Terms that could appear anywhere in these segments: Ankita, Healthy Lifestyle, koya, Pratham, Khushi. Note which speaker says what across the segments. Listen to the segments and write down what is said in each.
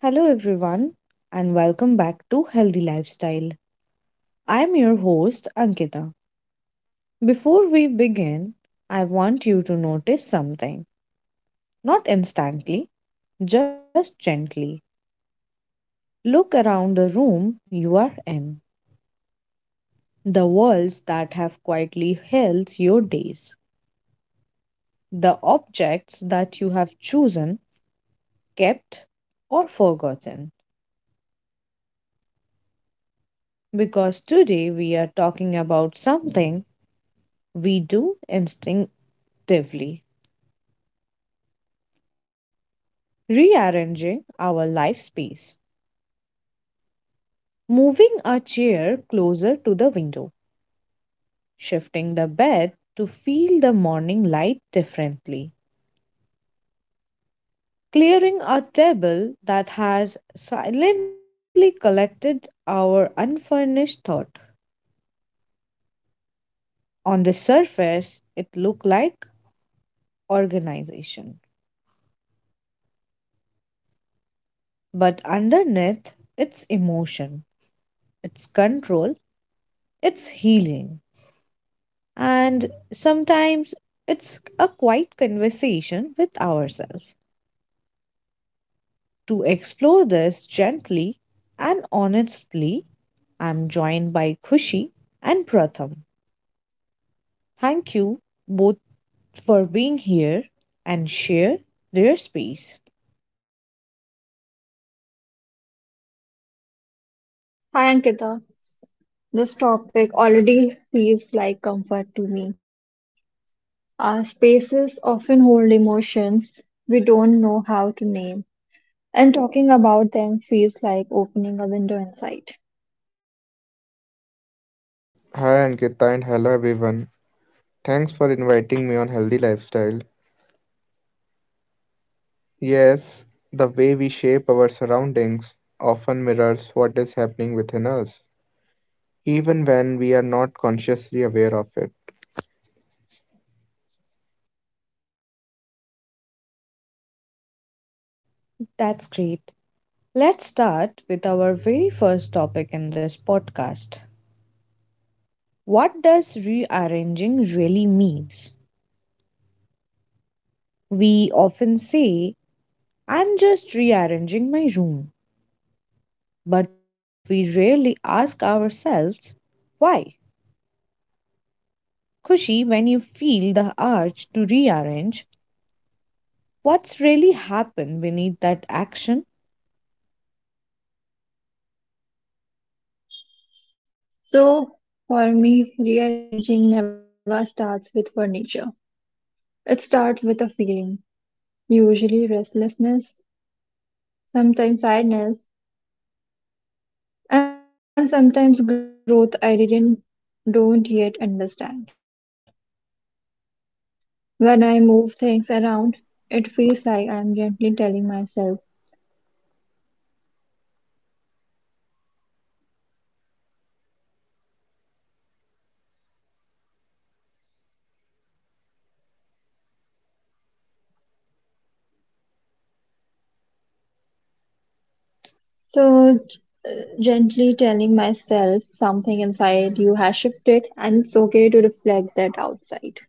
Speaker 1: Hello, everyone, and welcome back to Healthy Lifestyle. I'm your host, Ankita. Before we begin, I want you to notice something. Not instantly, just gently. Look around the room you are in, the walls that have quietly held your days, the objects that you have chosen, kept, or forgotten. Because today we are talking about something we do instinctively: rearranging our life space, moving a chair closer to the window, shifting the bed to feel the morning light differently, clearing a table that has silently collected our unfurnished thought. On the surface, it looked like organization, but underneath, it's emotion, it's control, it's healing. And sometimes it's a quiet conversation with ourselves. To explore this gently and honestly, I'm joined by Khushi and Pratham. Thank you both for being here and share their space.
Speaker 2: Hi Ankita, this topic already feels like comfort to me. Our spaces often hold emotions we don't know how to name, and talking about them feels like opening a window inside.
Speaker 3: Hi Ankita and hello everyone. Thanks for inviting me on Healthy Lifestyle. Yes, the way we shape our surroundings often mirrors what is happening within us, even when we are not consciously aware of it.
Speaker 1: That's great. Let's start with our very first topic in this podcast. What does rearranging really means? We often say, I'm just rearranging my room, but we rarely ask ourselves why. Kushi, when you feel the urge to rearrange, what's really happened beneath that action?
Speaker 2: So, for me, rearranging never starts with furniture. It starts with a feeling, usually restlessness, sometimes sadness, and sometimes growth I didn't don't yet understand. When I move things around, it feels like I'm gently telling myself. So, gently telling myself something inside you has shifted, and it's okay to reflect that outside.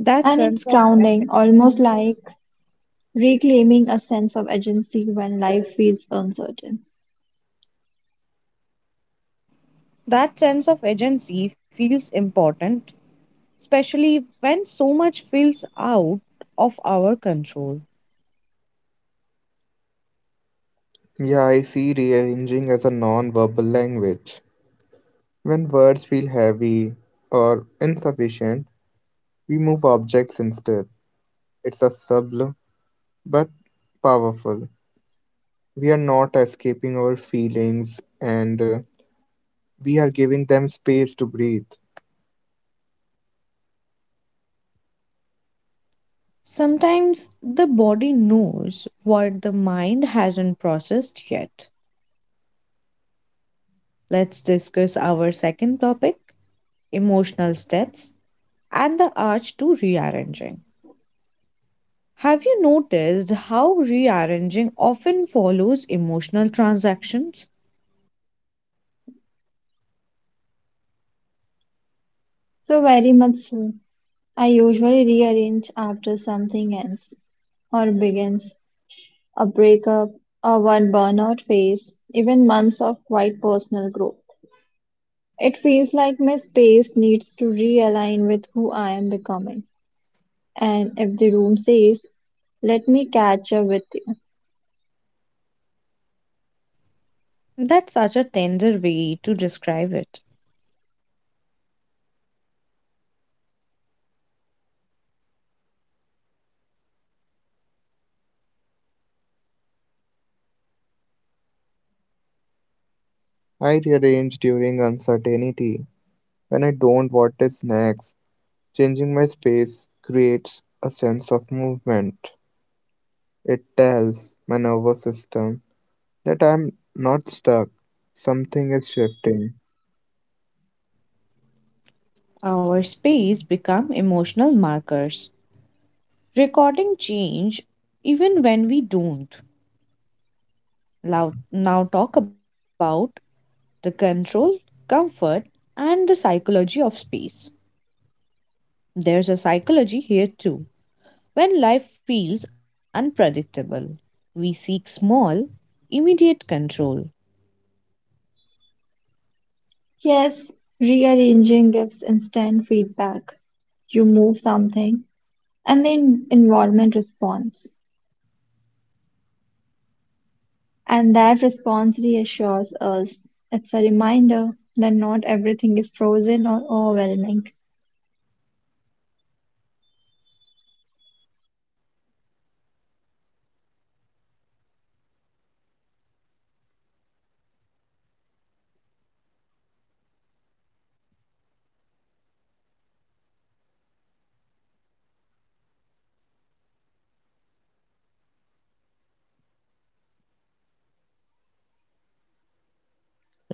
Speaker 1: That
Speaker 2: And
Speaker 1: sense
Speaker 2: it's
Speaker 1: of
Speaker 2: grounding, almost like reclaiming a sense of agency when life feels uncertain.
Speaker 1: that sense of agency feels important, especially when so much feels out of our control.
Speaker 3: Yeah, I see rearranging as a non verbal language. When words feel heavy or insufficient, we move objects instead. It's a subtle but powerful. We are not escaping our feelings and we are giving them space to breathe.
Speaker 1: Sometimes the body knows what the mind hasn't processed yet. Let's discuss our second topic: emotional steps and the arch to rearranging. Have you noticed how rearranging often follows emotional transactions?
Speaker 2: So, very much so. I usually rearrange after something ends or begins a breakup, or one burnout phase, even months of quite personal growth. It feels like my space needs to realign with who I am becoming. And if the room says, let me catch up with you.
Speaker 1: That's such a tender way to describe it.
Speaker 3: I rearrange during uncertainty when I don't want it next. Changing my space creates a sense of movement. It tells my nervous system that I'm not stuck, something is shifting,
Speaker 1: Our space become emotional markers, recording change even when we don't. Now talk about the control, comfort, and the psychology of space. There's a psychology here too. When life feels unpredictable, we seek small, immediate control,
Speaker 2: Yes, rearranging gives instant feedback. You move something, and the environment responds. And that response reassures us. It's a reminder that not everything is frozen or overwhelming.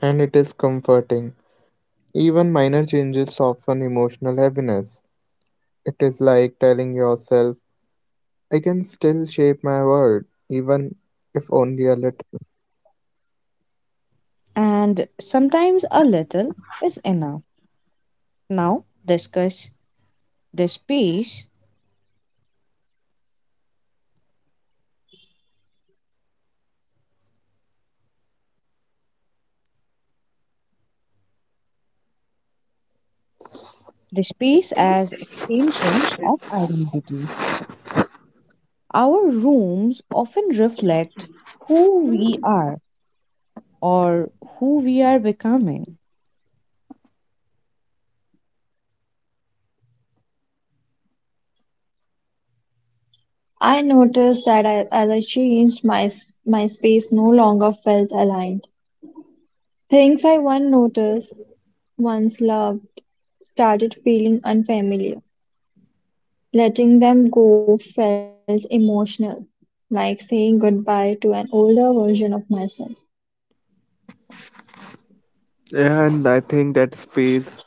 Speaker 3: and it is comforting. Even minor changes soften emotional heaviness. It is like telling yourself, I can still shape my world, even if only a little.
Speaker 1: and sometimes a little is enough. Now, discuss the space, the space as extension of identity. Our rooms often reflect who we are or who we are becoming.
Speaker 2: I noticed that I, as I changed, my space no longer felt aligned. Things I once noticed, once loved, started feeling unfamiliar. Letting them go felt emotional, like saying goodbye to an older version of myself.
Speaker 3: Yeah, and I think that space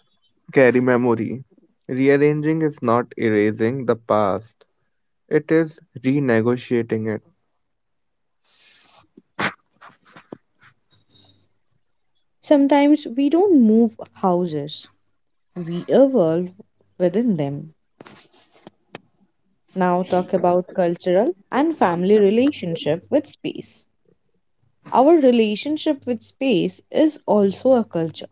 Speaker 3: carry memory. Rearranging is not erasing the past, it is renegotiating it.
Speaker 1: Sometimes we don't move houses, we evolve within them. Now talk about cultural and family relationship with space. Our relationship with space is also a culture.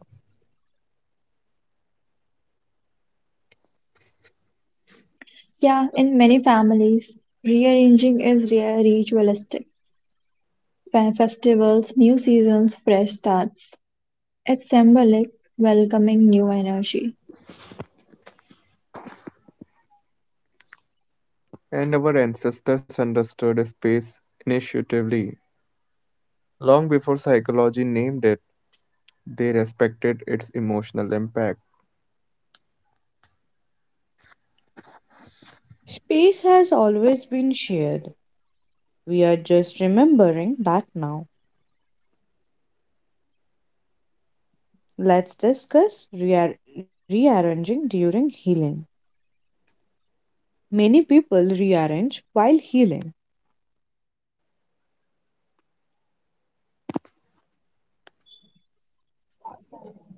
Speaker 2: Yeah, in many families, rearranging is ritualistic. Festivals, new seasons, fresh starts. It's symbolic, welcoming new energy.
Speaker 3: And our ancestors understood space intuitively, long before psychology named it, they respected its emotional impact.
Speaker 1: Space has always been shared. We are just remembering that now. Let's discuss rearranging during healing. Many people rearrange while healing.
Speaker 2: So I did that during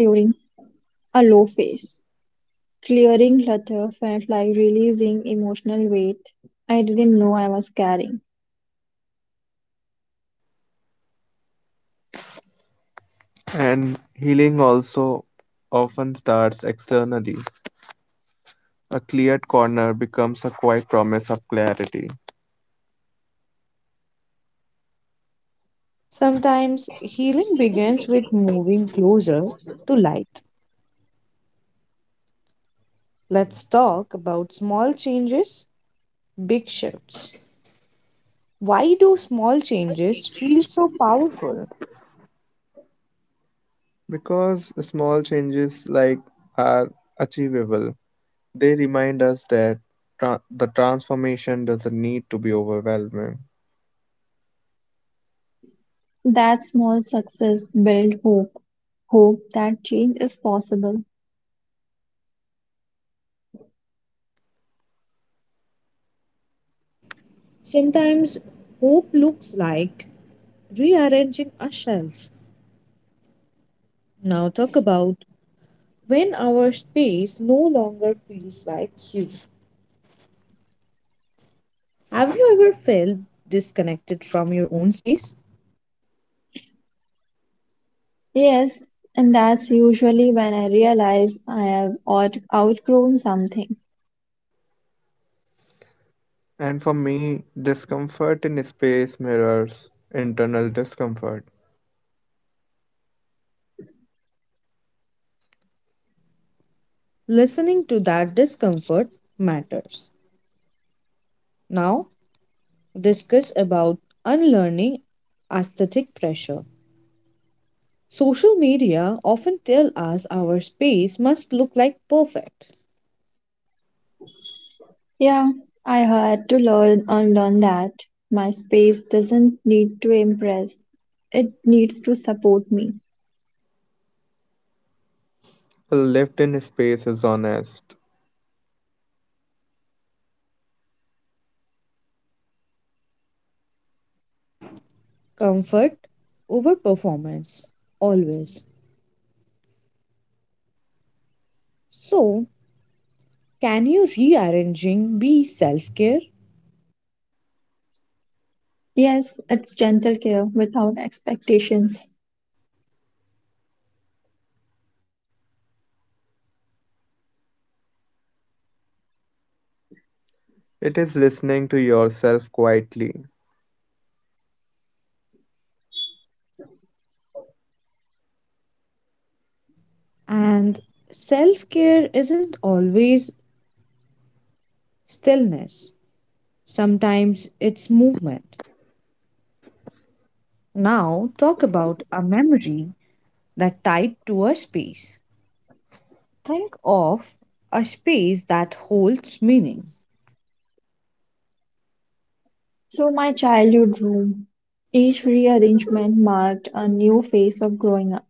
Speaker 2: a low phase. Clearing clutter felt like releasing emotional weight I didn't know I was carrying.
Speaker 3: And healing also often starts externally. A cleared corner becomes a quiet promise of clarity,
Speaker 1: Sometimes healing begins with moving closer to light. Let's talk about small changes, big shifts. Why do small changes feel so powerful?
Speaker 3: because small changes like are achievable. They remind us that the transformation doesn't need to be overwhelming.
Speaker 2: That small success built hope, hope that change is possible.
Speaker 1: Sometimes hope looks like rearranging a shelf. Now, talk about when our space no longer feels like you. Have you ever felt disconnected from your own space?
Speaker 2: Yes, and that's usually when I realize I have outgrown something.
Speaker 3: And for me, discomfort in space mirrors internal discomfort.
Speaker 1: Listening to that discomfort matters. Now, discuss about unlearning aesthetic pressure. Social media often tell us our space must look like perfect.
Speaker 2: Yeah, I had to learn unlearn that. My space doesn't need to impress, it needs to support me.
Speaker 3: A lift in space is honest,
Speaker 1: Comfort over performance always. So, can you rearranging be self-care?
Speaker 2: Yes, it's gentle care without expectations.
Speaker 3: it is listening to yourself quietly.
Speaker 1: And self-care isn't always stillness. Sometimes it's movement. Now, talk about a memory that tied to a space. Think of a space that holds meaning.
Speaker 2: So my childhood room. Each rearrangement marked a new phase of growing up.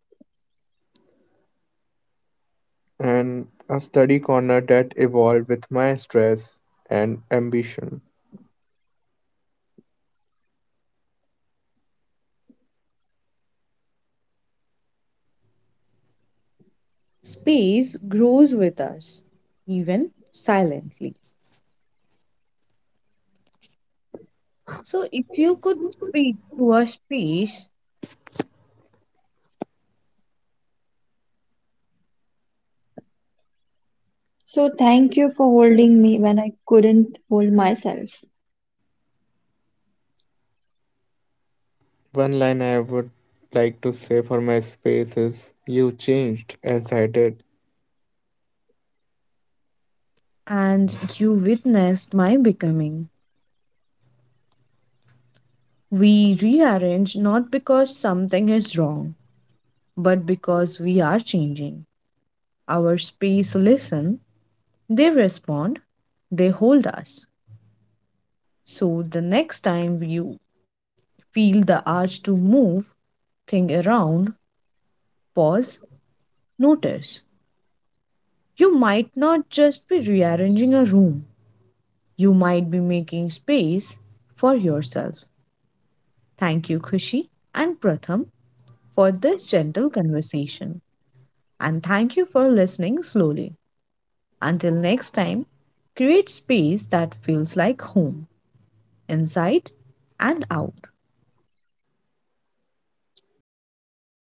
Speaker 3: And a study corner that evolved with my stress and ambition.
Speaker 1: Space grows with us, even silently. So, if you could speak to a space
Speaker 2: So thank you for holding me when I couldn't hold myself.
Speaker 3: One line I would like to say for my space is, you changed as I did.
Speaker 1: and you witnessed my becoming, we rearrange not because something is wrong, but because we are changing. Our space listen, they respond, they hold us. So, the next time you feel the urge to move, think around, pause, notice. You might not just be rearranging a room. You might be making space for yourself. Thank you, Kushi and Pratham, for this gentle conversation. And thank you for listening slowly. Until next time, create space that feels like home, inside and out.
Speaker 3: Thank you, Ankita.